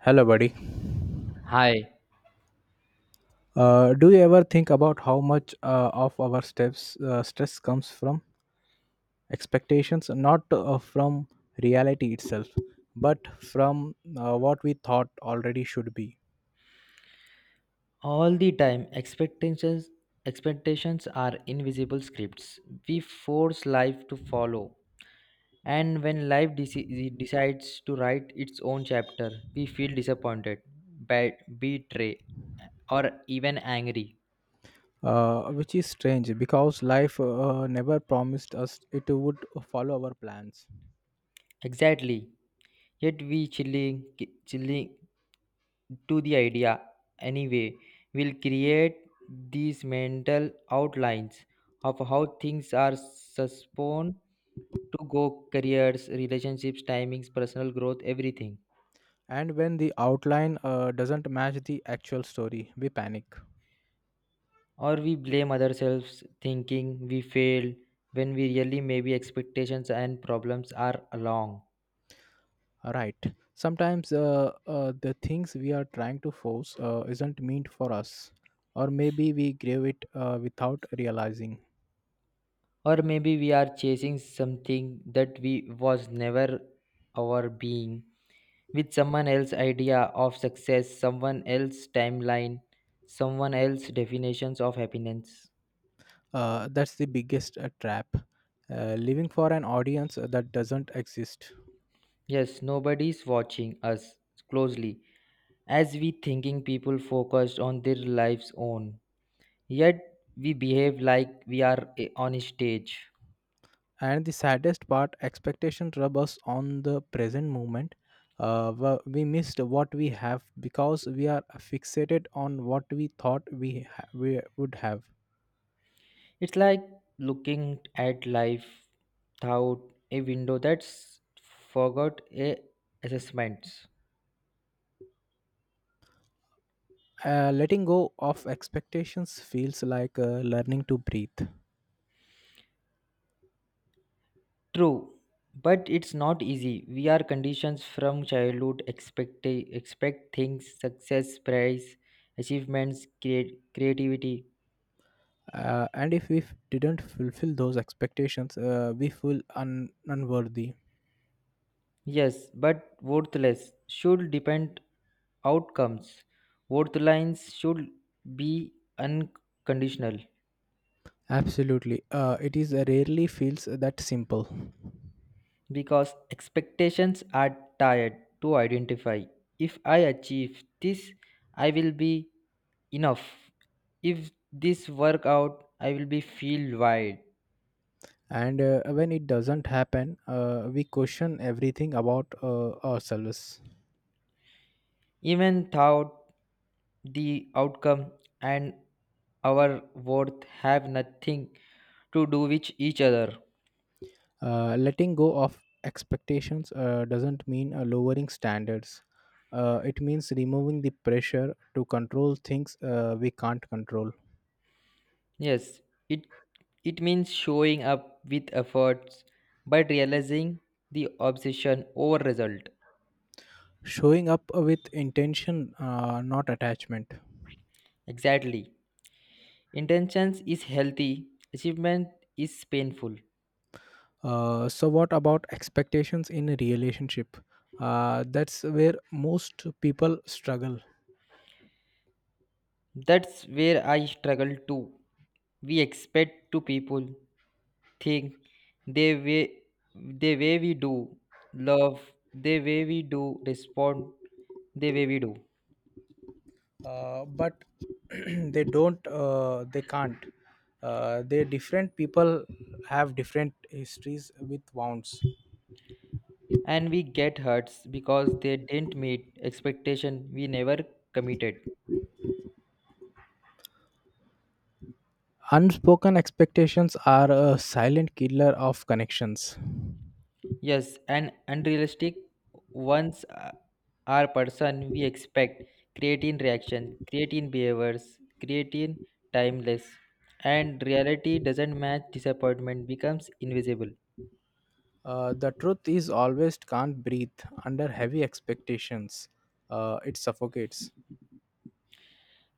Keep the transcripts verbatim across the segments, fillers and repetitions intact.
Hello, buddy. Hi. Uh, do you ever think about how much uh, of our steps, uh, stress comes from expectations, not uh, from reality itself, but from uh, what we thought already should be? All the time, expectations expectations are invisible scripts we force life to follow. And when life deci- decides to write its own chapter, we feel disappointed, bad, betrayed, or even angry. Uh, which is strange because life uh, never promised us it would follow our plans. Exactly. Yet we chilling, chilling. To the idea anyway will create these mental outlines of how things are supposed to go, careers, relationships, timings, personal growth, everything. And when the outline uh, doesn't match the actual story, we panic. Or we blame ourselves thinking we failed when we really maybe expectations and problems are along. Right, sometimes uh, uh, the things we are trying to force uh, isn't meant for us, or maybe we crave it uh, without realizing. Or maybe we are chasing something that we was never our being with someone else's idea of success, someone else's timeline, someone else's definitions of happiness. Uh, that's the biggest uh, trap, uh, living for an audience that doesn't exist. Yes, nobody's watching us closely as we thinking people focused on their lives own. Yet we behave like we are eh, on a stage. And the saddest part, expectation rub us on the present moment. Uh, wha- we missed what we have because we are fixated on what we, thought we, ha- we would have. It's like looking at life through a window that's forgot a assessments. Uh, letting go of expectations feels like uh, learning to breathe. True, but it's not easy. We are conditioned from childhood, expect, expect things, success, prize, achievements, create, creativity. Uh, and if we f- didn't fulfill those expectations, uh, we feel un- unworthy. Yes, but worthless should depend outcomes. Worth lines should be unconditional. Absolutely. Uh, it is uh, rarely feels that simple. Because expectations are tired to identify. If I achieve this, I will be enough. If this work out, I will be feel wide. And uh, when it doesn't happen, uh, we question everything about uh, ourselves. Even thought the outcome and our worth have nothing to do with each other. Uh, letting go of expectations uh, doesn't mean uh, lowering standards. Uh, it means removing the pressure to control things uh, we can't control. Yes, it it means showing up with efforts but realizing the obsession over result. Showing up with intention, uh, not attachment. Exactly. Intentions is healthy, achievement is painful. Uh, so, what about expectations in a relationship? Uh, that's where most people struggle. That's where I struggle too. We expect to people think the way the way we do love, the way we do respond, the way we do. Uh, but they don't, uh, they can't. Uh, they different people have different histories with wounds. And we get hurts because they didn't meet expectation we never committed. Unspoken expectations are a silent killer of connections. Yes, and unrealistic ones a- are person we expect, creating reaction, creating behaviors, creating timeless. And reality doesn't match disappointment becomes invisible. Uh, the truth is always can't breathe under heavy expectations. Uh, it suffocates.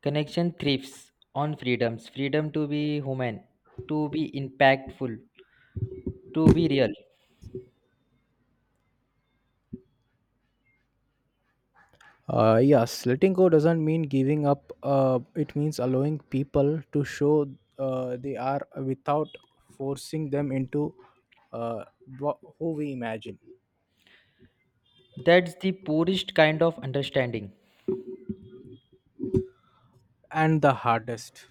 Connection thrives on freedoms, freedom to be human, to be impactful, to be real. Uh, yes, letting go doesn't mean giving up. Uh, it means allowing people to show uh, they are without forcing them into uh, wha- who we imagine. That's the poorest kind of understanding. And the hardest.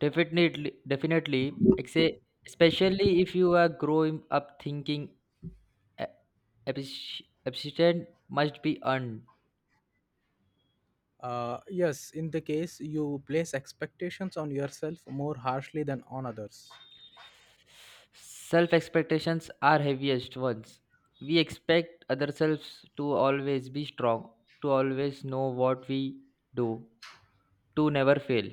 Definitely, definitely, exe- Especially if you are growing up thinking A- appreci- appreciation must be earned. Uh, yes, in the case you place expectations on yourself more harshly than on others. Self expectations are heaviest ones. We expect ourselves to always be strong, to always know what we do, to never fail.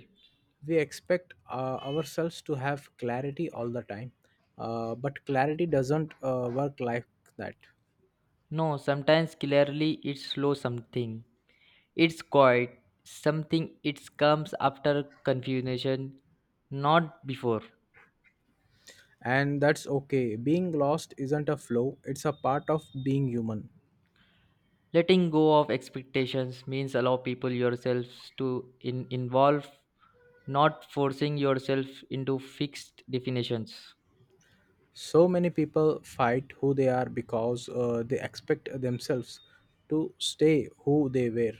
We expect uh, ourselves to have clarity all the time, uh, but clarity doesn't uh, work like that. No, sometimes clearly it's slow something. It's quiet. Something it comes after confusion, not before. And that's okay. Being lost isn't a flaw, it's a part of being human. Letting go of expectations means allow people yourselves to in, involve, not forcing yourself into fixed definitions. So many people fight who they are because uh, they expect themselves to stay who they were.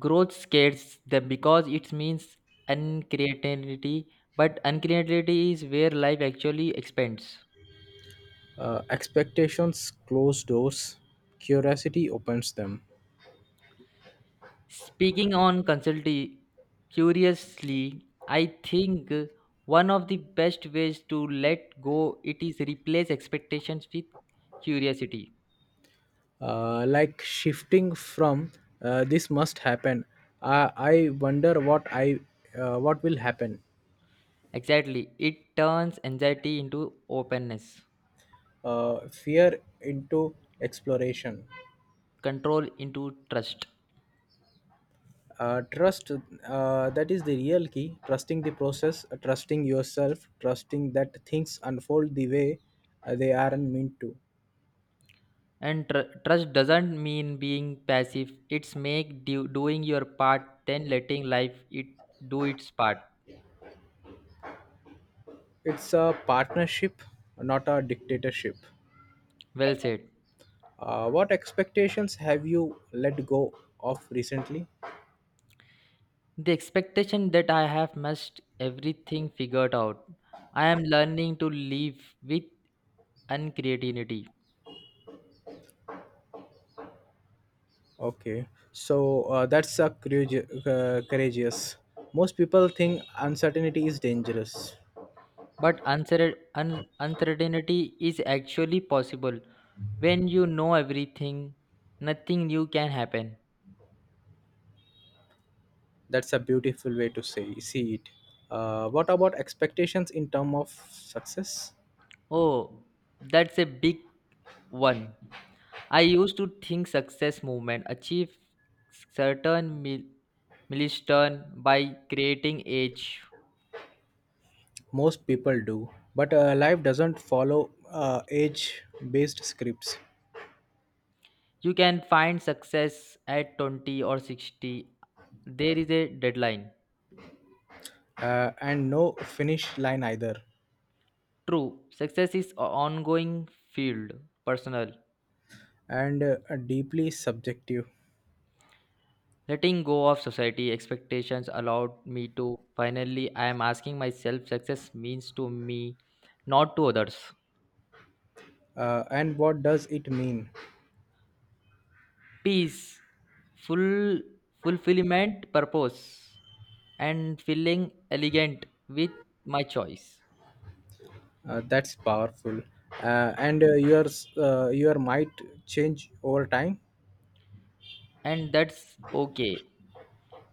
Growth scares them because it means uncreativity, but uncreativity is where life actually expands. Uh, expectations close doors, curiosity opens them. Speaking on consulting curiously, I think one of the best ways to let go it is replace expectations with curiosity. Uh, like shifting from uh, this must happen, uh, I wonder what i uh, what will happen. Exactly. It turns anxiety into openness, Uh, fear into exploration. control into trust. Uh, trust, uh, that is the real key, trusting the process, uh, trusting yourself, trusting that things unfold the way uh, they aren't meant to. And tr- trust doesn't mean being passive. It's make do- doing your part then letting life it do its part. It's a partnership, not a dictatorship. Well said. Uh, what expectations have you let go of recently? The expectation that I have must everything figured out. I am learning to live with uncreativity. Okay, so uh, that's a courage- uh, courageous. Most people think uncertainty is dangerous. But uncer- un- uncertainty is actually possible. When you know everything, nothing new can happen. That's a beautiful way to say see it. Uh, what about expectations in terms of success? Oh, that's a big one. I used to think success movement achieve certain mil- milestone by creating age. Most people do, but uh, life doesn't follow uh, age-based scripts, You can find success at twenty or sixty. There is a deadline. uh, and no finish line either, True, success is a ongoing field, personal. and uh, deeply subjective. Letting go of society expectations allowed me to finally, I am asking myself success means to me, not to others. Uh, and what does it mean? Peace, full fulfillment, purpose, and feeling elegant with my choice. Uh, that's powerful. Uh, and uh, your uh, Your might change over time. And that's okay.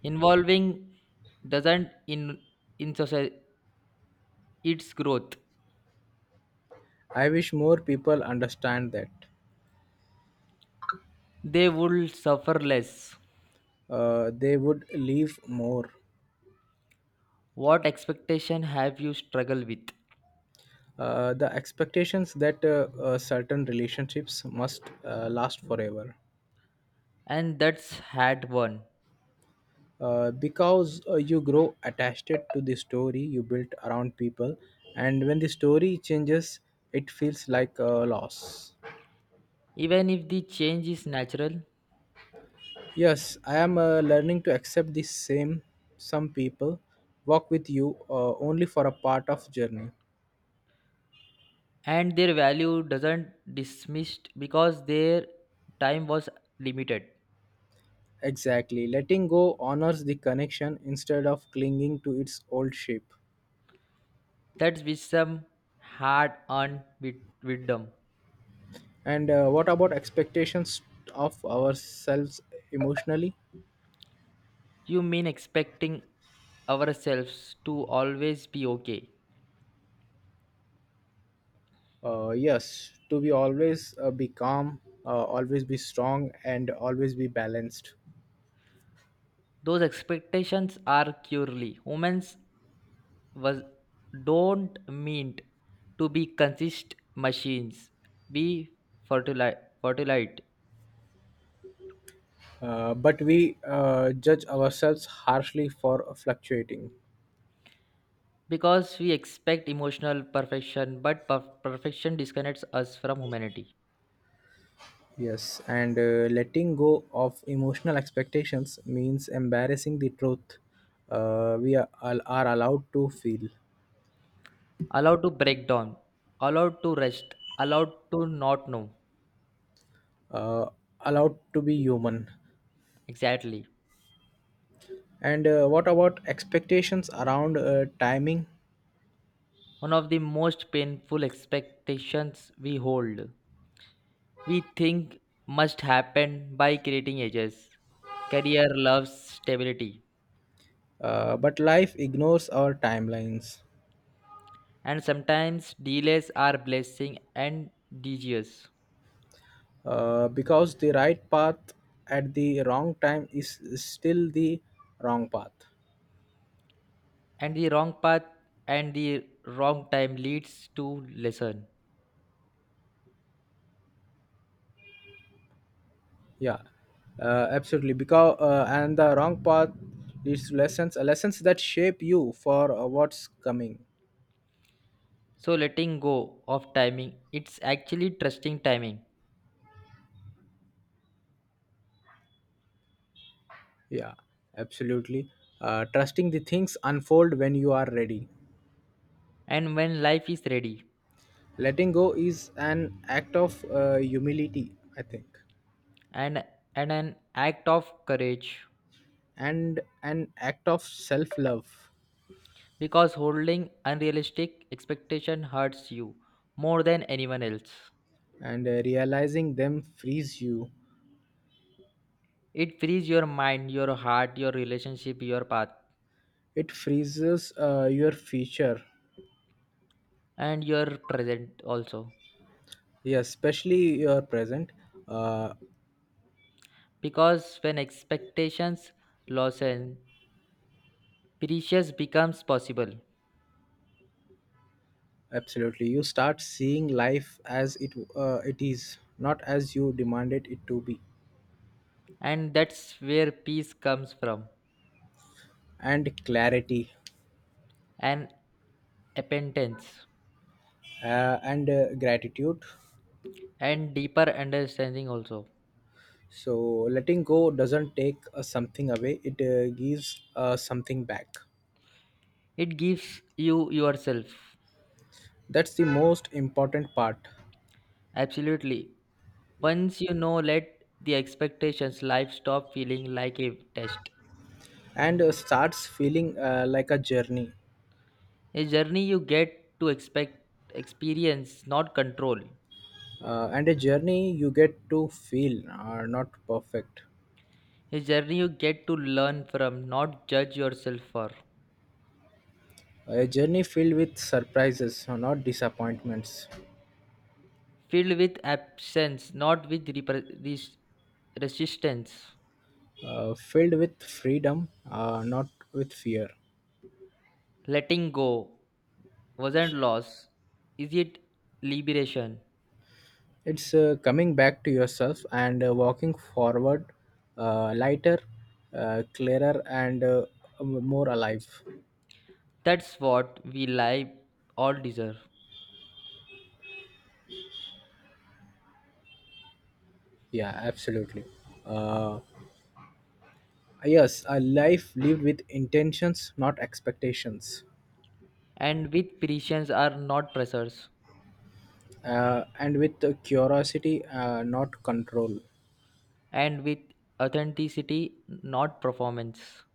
Involving doesn't in in society its growth. I wish more people understand that. They will suffer less. Uh, they would leave more. What expectation have you struggled with? Uh, the expectations that uh, uh, certain relationships must uh, last forever. And that's had one. Uh, because uh, you grow attached to the story you built around people, and when the story changes, it feels like a loss. Even if the change is natural Yes, I am uh, learning to accept the same. Some people walk with you uh, only for a part of journey. and their value doesn't dismissed because their time was limited, Exactly, letting go honors the connection instead of clinging to its old shape. that's wisdom hard earned with wisdom. And uh, what about expectations of ourselves emotionally? You mean expecting ourselves to always be okay. Uh, yes, to be always uh, be calm, uh, always be strong, and always be balanced. Those expectations are purely humans was don't mean to be consist machines we fertilize fertilite. Uh, but we uh, judge ourselves harshly for fluctuating. Because we expect emotional perfection but per- perfection disconnects us from humanity. Yes, and uh, letting go of emotional expectations means embarrassing the truth uh, we are, are allowed to feel, Allowed to break down, allowed to rest, allowed to not know. uh, allowed to be human. Exactly. And uh, what about expectations around uh, timing? One of the most painful expectations we hold, we think must happen by creating ages, career loves, stability. Uh, but life ignores our timelines, And sometimes delays are blessing and disease. uh, because the right path at the wrong time is still the wrong path. And the wrong path and the wrong time leads to lesson. Yeah, uh, absolutely, because uh, and the wrong path leads to lessons, uh, lessons that shape you for uh, what's coming. So letting go of timing, it's actually trusting timing. Yeah, absolutely, uh, trusting the things unfold when you are ready. And when life is ready, Letting go is an act of uh, humility, I think. and, and an act of courage, And an act of self love. because holding unrealistic expectation hurts you more than anyone else. And uh, realizing them frees you. It frees your mind, your heart, your relationship, your path, It freezes uh, your future. and your present also. Yeah, especially your present. uh, Because when expectations lessen, precious becomes possible, Absolutely, you start seeing life as it uh, it is, not as you demanded it to be. and that's where peace comes from. And clarity. And repentance. Uh, and uh, gratitude. And deeper understanding also. So letting go doesn't take uh, something away; it uh, gives uh, something back. It gives you yourself. That's the most important part, Absolutely. Once you know let the expectations, life stop feeling like a test. and uh, starts feeling uh, like a journey. A journey you get to expect experience, not control. Uh, and a journey you get to feel are not perfect. A journey you get to learn from, not judge yourself for. A journey filled with surprises, uh, not disappointments. Filled with absence, not with repre- res- resistance. uh, filled with freedom, uh, not with fear. Letting go wasn't loss. Is it liberation? It's uh, coming back to yourself and uh, walking forward, uh, lighter, uh, clearer, and uh, more alive. That's what we live all deserve. Yeah, absolutely. Uh, yes, a life lived with intentions, not expectations, And with patience are not pressures. uh, and with uh, curiosity, uh, not control, And with authenticity, not performance.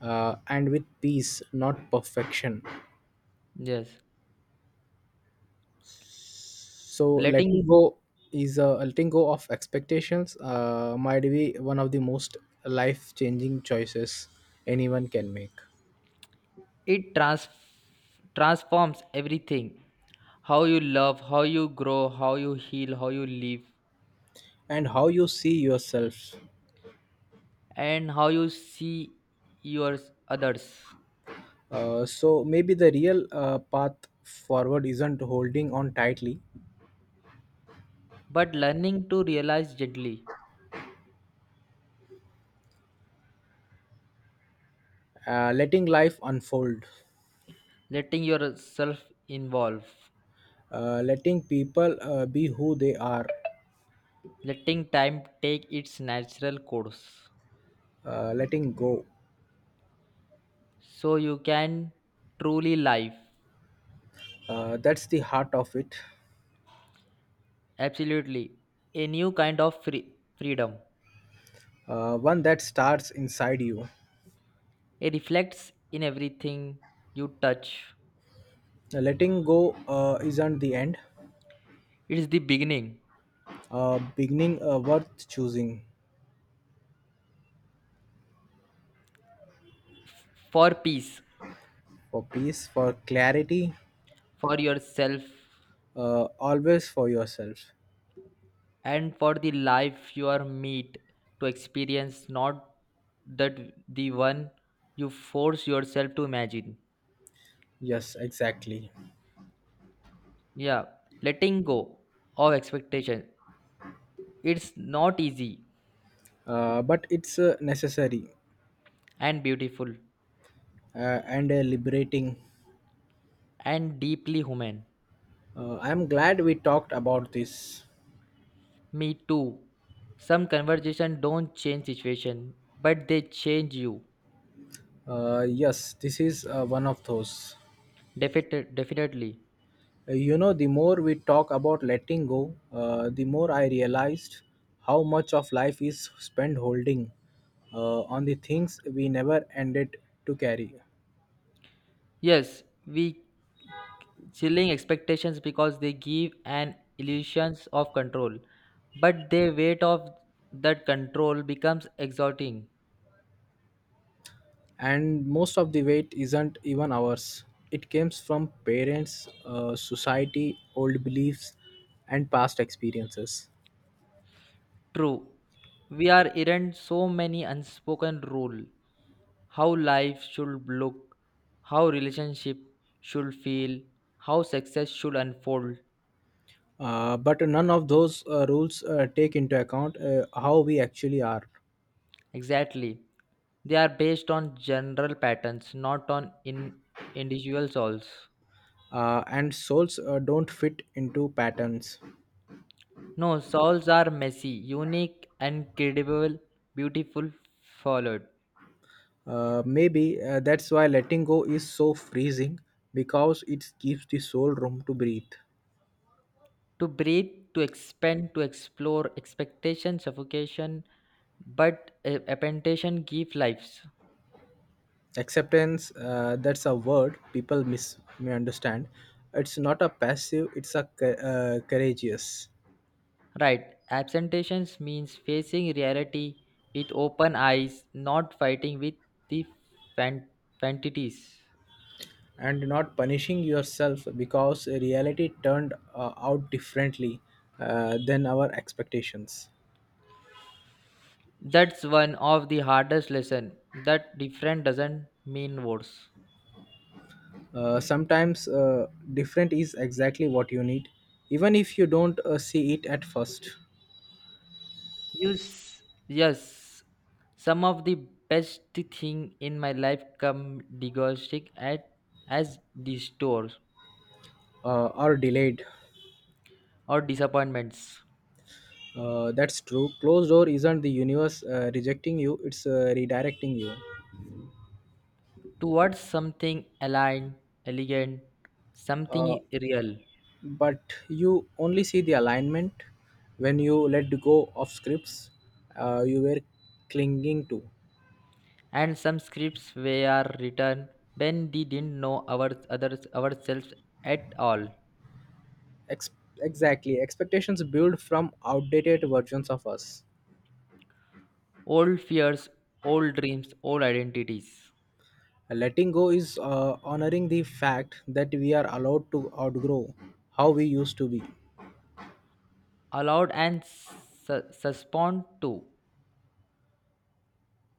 uh, and with peace, not perfection. Yes. So letting Letting go is uh, letting go of expectations uh, might be one of the most life changing choices anyone can make. it trans- transforms everything. How you love, how you grow, how you heal, how you live, And how you see yourself. and how you see your others. Uh, so maybe the real uh, path forward isn't holding on tightly, But learning to realize gently, uh, letting life unfold, letting yourself involve, uh, letting people uh, be who they are, letting time take its natural course. uh, letting go. So you can truly live. Uh, that's the heart of it, Absolutely. A new kind of free- freedom. uh, one that starts inside you. It reflects in everything you touch. Uh, letting go uh, isn't the end, It is the beginning uh, beginning uh, worth choosing, for peace, for peace, for clarity, for yourself, uh, always for yourself. and for the life you are meet to experience, not that the one you force yourself to imagine. Yes, exactly. Yeah, letting go of expectation. It's not easy Uh, but it's uh, necessary and beautiful uh, and uh, liberating. and deeply human. Uh, I'm glad we talked about this. Me too. Some conversation don't change situation, but they change you. Uh, yes, this is uh, one of those. Definite, definitely. Uh, You know, the more we talk about letting go, uh, the more I realized how much of life is spent holding uh, on the things we never ended to carry. Yes, we chilling expectations because they give an illusions of control, but the weight of that control becomes exhausting. And most of the weight isn't even ours. It comes from parents, uh, society, old beliefs, and past experiences. True, we are errant so many unspoken rule. How life should look, how relationship should feel, how success should unfold. Uh, but none of those uh, rules uh, take into account uh, how we actually are. Exactly. They are based on general patterns, not on in individual souls. Uh, and souls uh, don't fit into patterns. No, souls are messy, unique, incredible, beautiful, followed. Uh, maybe uh, that's why letting go is so freezing, because it gives the soul room to breathe. To breathe, to expand, to explore, expectation, suffocation, but uh, appentation give lives. Acceptance, uh, that's a word people mis- misunderstand. It's not a passive, it's a cou- uh, courageous. Right. Absentations means facing reality with open eyes, not fighting with the fan- fantasies. And not punishing yourself because reality turned uh, out differently uh, than our expectations. That's one of the hardest lesson that different doesn't mean worse. Uh, sometimes uh, different is exactly what you need, even if you don't uh, see it at first. Yes, yes. Some of the best thing in my life come diagnostic at as detours Uh, or delayed. or disappointments Uh, that's true, closed door isn't the universe uh, rejecting you, it's uh, redirecting you. towards something aligned, elegant, uh, something real, but you only see the alignment when you let go of scripts uh, you were clinging to. and some scripts were written when we didn't know our others ourselves at all. Ex- exactly, expectations build from outdated versions of us. Old fears, old dreams, old identities. Letting go is uh, honoring the fact that we are allowed to outgrow how we used to be. Allowed and su- suspend to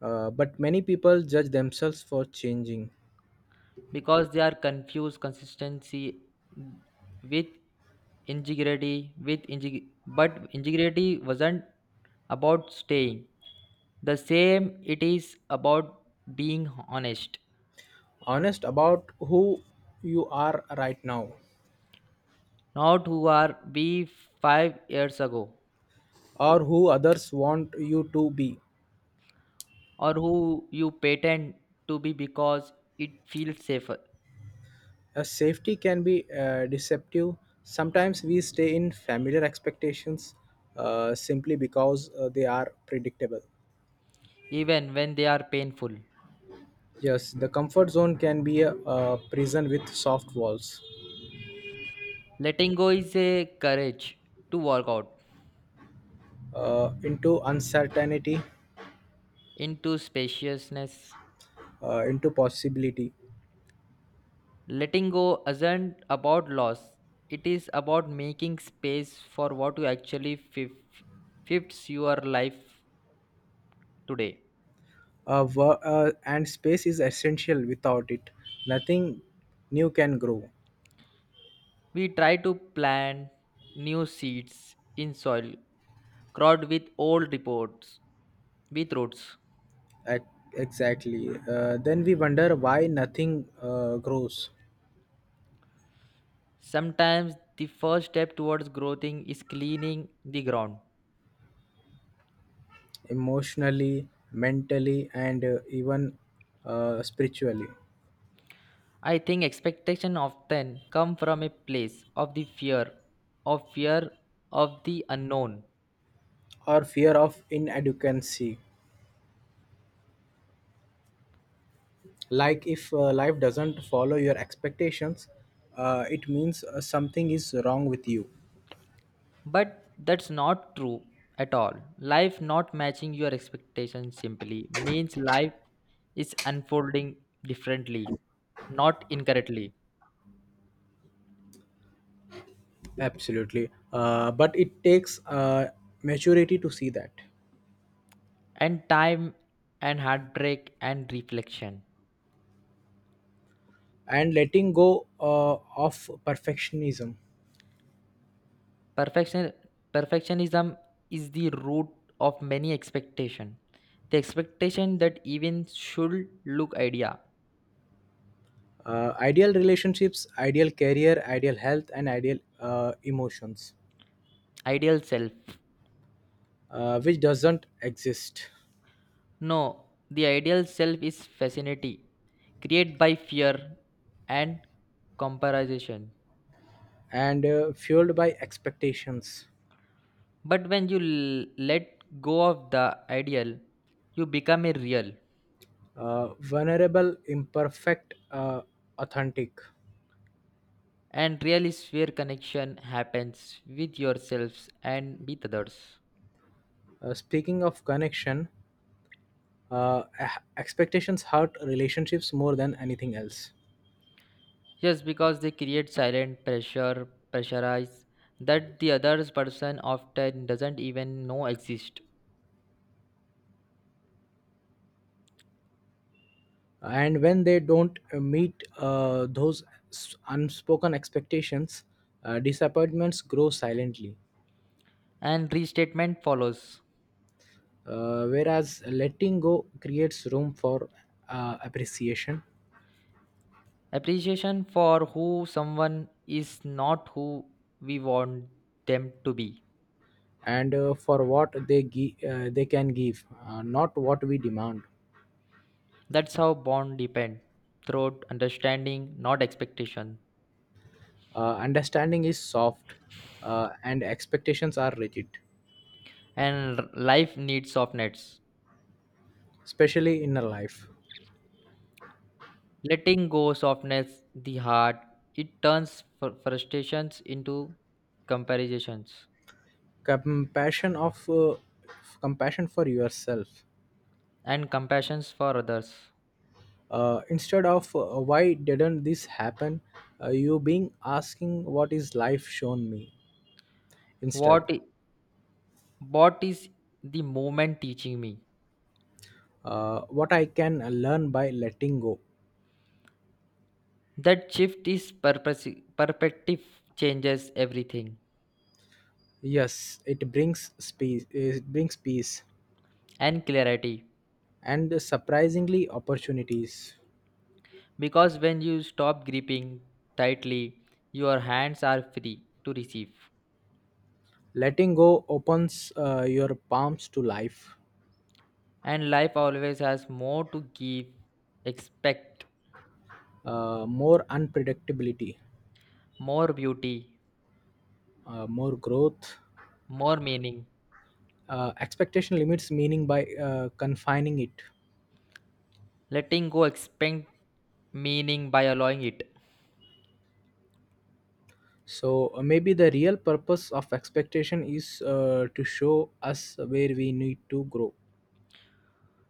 Uh, but many people judge themselves for changing. because they are confused consistency with integrity with integ- but integrity wasn't about staying the same, it is about being honest, Honest about who you are right now, not who are we five years ago, or who others want you to be. or who you pretend to be because it feels safer A safety can be uh, deceptive. Sometimes we stay in familiar expectations uh, simply because uh, they are predictable. even when they are painful. Yes, the comfort zone can be a, a prison with soft walls, Letting go is a courage to work out uh, into uncertainty, into spaciousness. uh, into possibility. Letting go isn't about loss, it is about making space for what you actually fif- fits your life today. Uh, wo- uh, and space is essential without it. Nothing new can grow. We try to plant new seeds in soil crowded with old reports with roots. Ac- exactly. Uh, then we wonder why nothing uh, grows. Sometimes the first step towards growing is cleaning the ground. Emotionally, mentally, and uh, even uh, spiritually, I think expectation often come from a place of the fear, of fear of the unknown. or fear of inadequacy. Like if uh, life doesn't follow your expectations, uh, it means uh, something is wrong with you. But that's not true at all. Life not matching your expectations simply means life is unfolding differently, not incorrectly. Absolutely. Uh, but it takes uh, maturity to see that. And time and heartbreak and reflection. And letting go uh, of perfectionism. Perfection Perfectionism is the root of many expectation. The expectation that even should look idea, Uh, ideal relationships, ideal career, ideal health, and ideal uh, emotions, ideal self. uh, which doesn't exist. No, the ideal self is fascinating, created by fear and comparison. and uh, fueled by expectations. But when you l- let go of the ideal, you become a real. Uh, vulnerable, imperfect, uh, authentic. And real is where connection happens with yourselves and with others. Uh, speaking of connection, uh, e- expectations hurt relationships more than anything else. Just because they create silent pressure, pressurize that the other person often doesn't even know exist. And when they don't uh, meet uh, those s- unspoken expectations, uh, disappointments grow silently. And restatement follows. Uh, whereas letting go creates room for uh, appreciation, Appreciation for who someone is not who we want them to be. and uh, for what they gi- uh, they can give, uh, not what we demand. That's how bond depend throughout understanding, not expectation. Uh, understanding is soft uh, and expectations are rigid, And r- life needs softness. especially in a life. Letting go softness the heart. It turns fr- frustrations into comparisons Compassion of uh, compassion for yourself. and compassions for others. Uh, instead of uh, why didn't this happen, uh, you being asking what is life shown me instead. What i- what is the moment teaching me? Uh, what I can learn by letting go. That shift is purpose perspective changes everything. Yes, it brings peace. It brings peace And clarity and surprisingly opportunities. because when you stop gripping tightly your hands are free to receive Letting go opens uh, your palms to life. and life always has more to give expect uh, more unpredictability, more beauty uh, more growth. more meaning Uh, expectation limits meaning by uh, confining it. letting go expect meaning by allowing it So uh, maybe the real purpose of expectation is uh, to show us where we need to grow,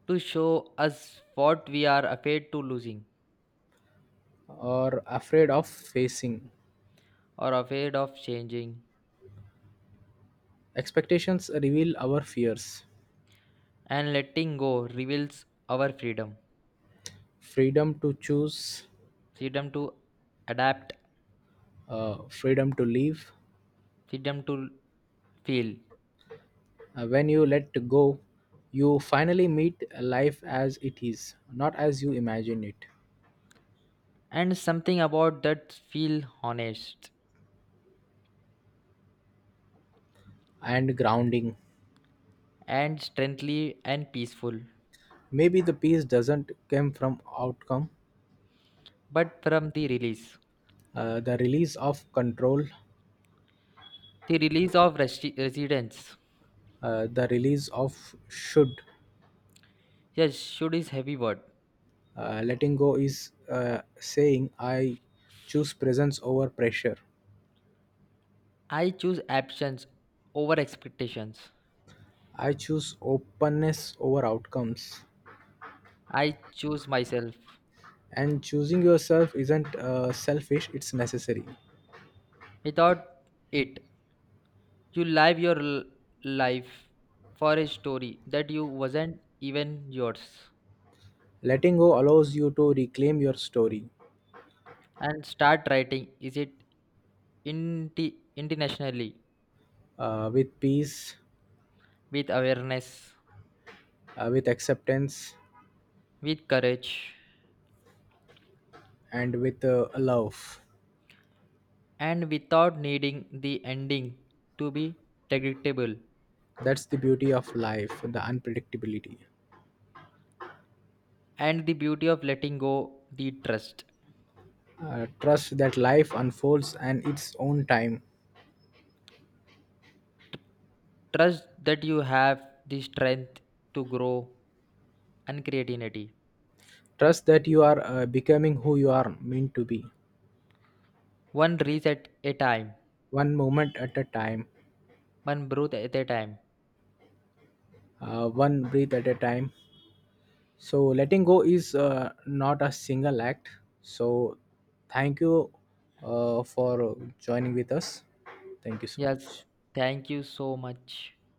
to show us what we are afraid to losing or afraid of facing. or afraid of changing Expectations reveal our fears, and letting go reveals our freedom, freedom to choose, freedom to adapt, uh, freedom to live. freedom to feel, Uh, when you let go, you finally meet life as it is, not as you imagine it, and something about that feel honest and grounding. and strengthly and peaceful Maybe the peace doesn't come from outcome, but from the release, uh, the release of control, the release of resi- residents. uh, the release of should. Yes, should is heavy word. Uh, letting go is uh, saying I choose presence over pressure. I choose absence over expectations, I choose openness over outcomes. I choose myself And choosing yourself isn't uh, selfish, it's necessary. without it. You live your l- life for a story that you wasn't even yours, Letting go allows you to reclaim your story, and start writing is it inti- internationally, uh, with peace, with awareness, uh, with acceptance, with courage, and with uh, love. and without needing the ending to be predictable. That's the beauty of life, the unpredictability. And the beauty of letting go, the trust, Uh, trust that life unfolds and its own time. trust that you have the strength to grow and creativity, Trust that you are uh, becoming who you are meant to be, one reset at a time, one moment at a time, one breath at a time. uh, one breath at a time. So, letting go is uh, not a single act. So, thank you uh, for joining with us. Thank you so Yes, much. thank you so much.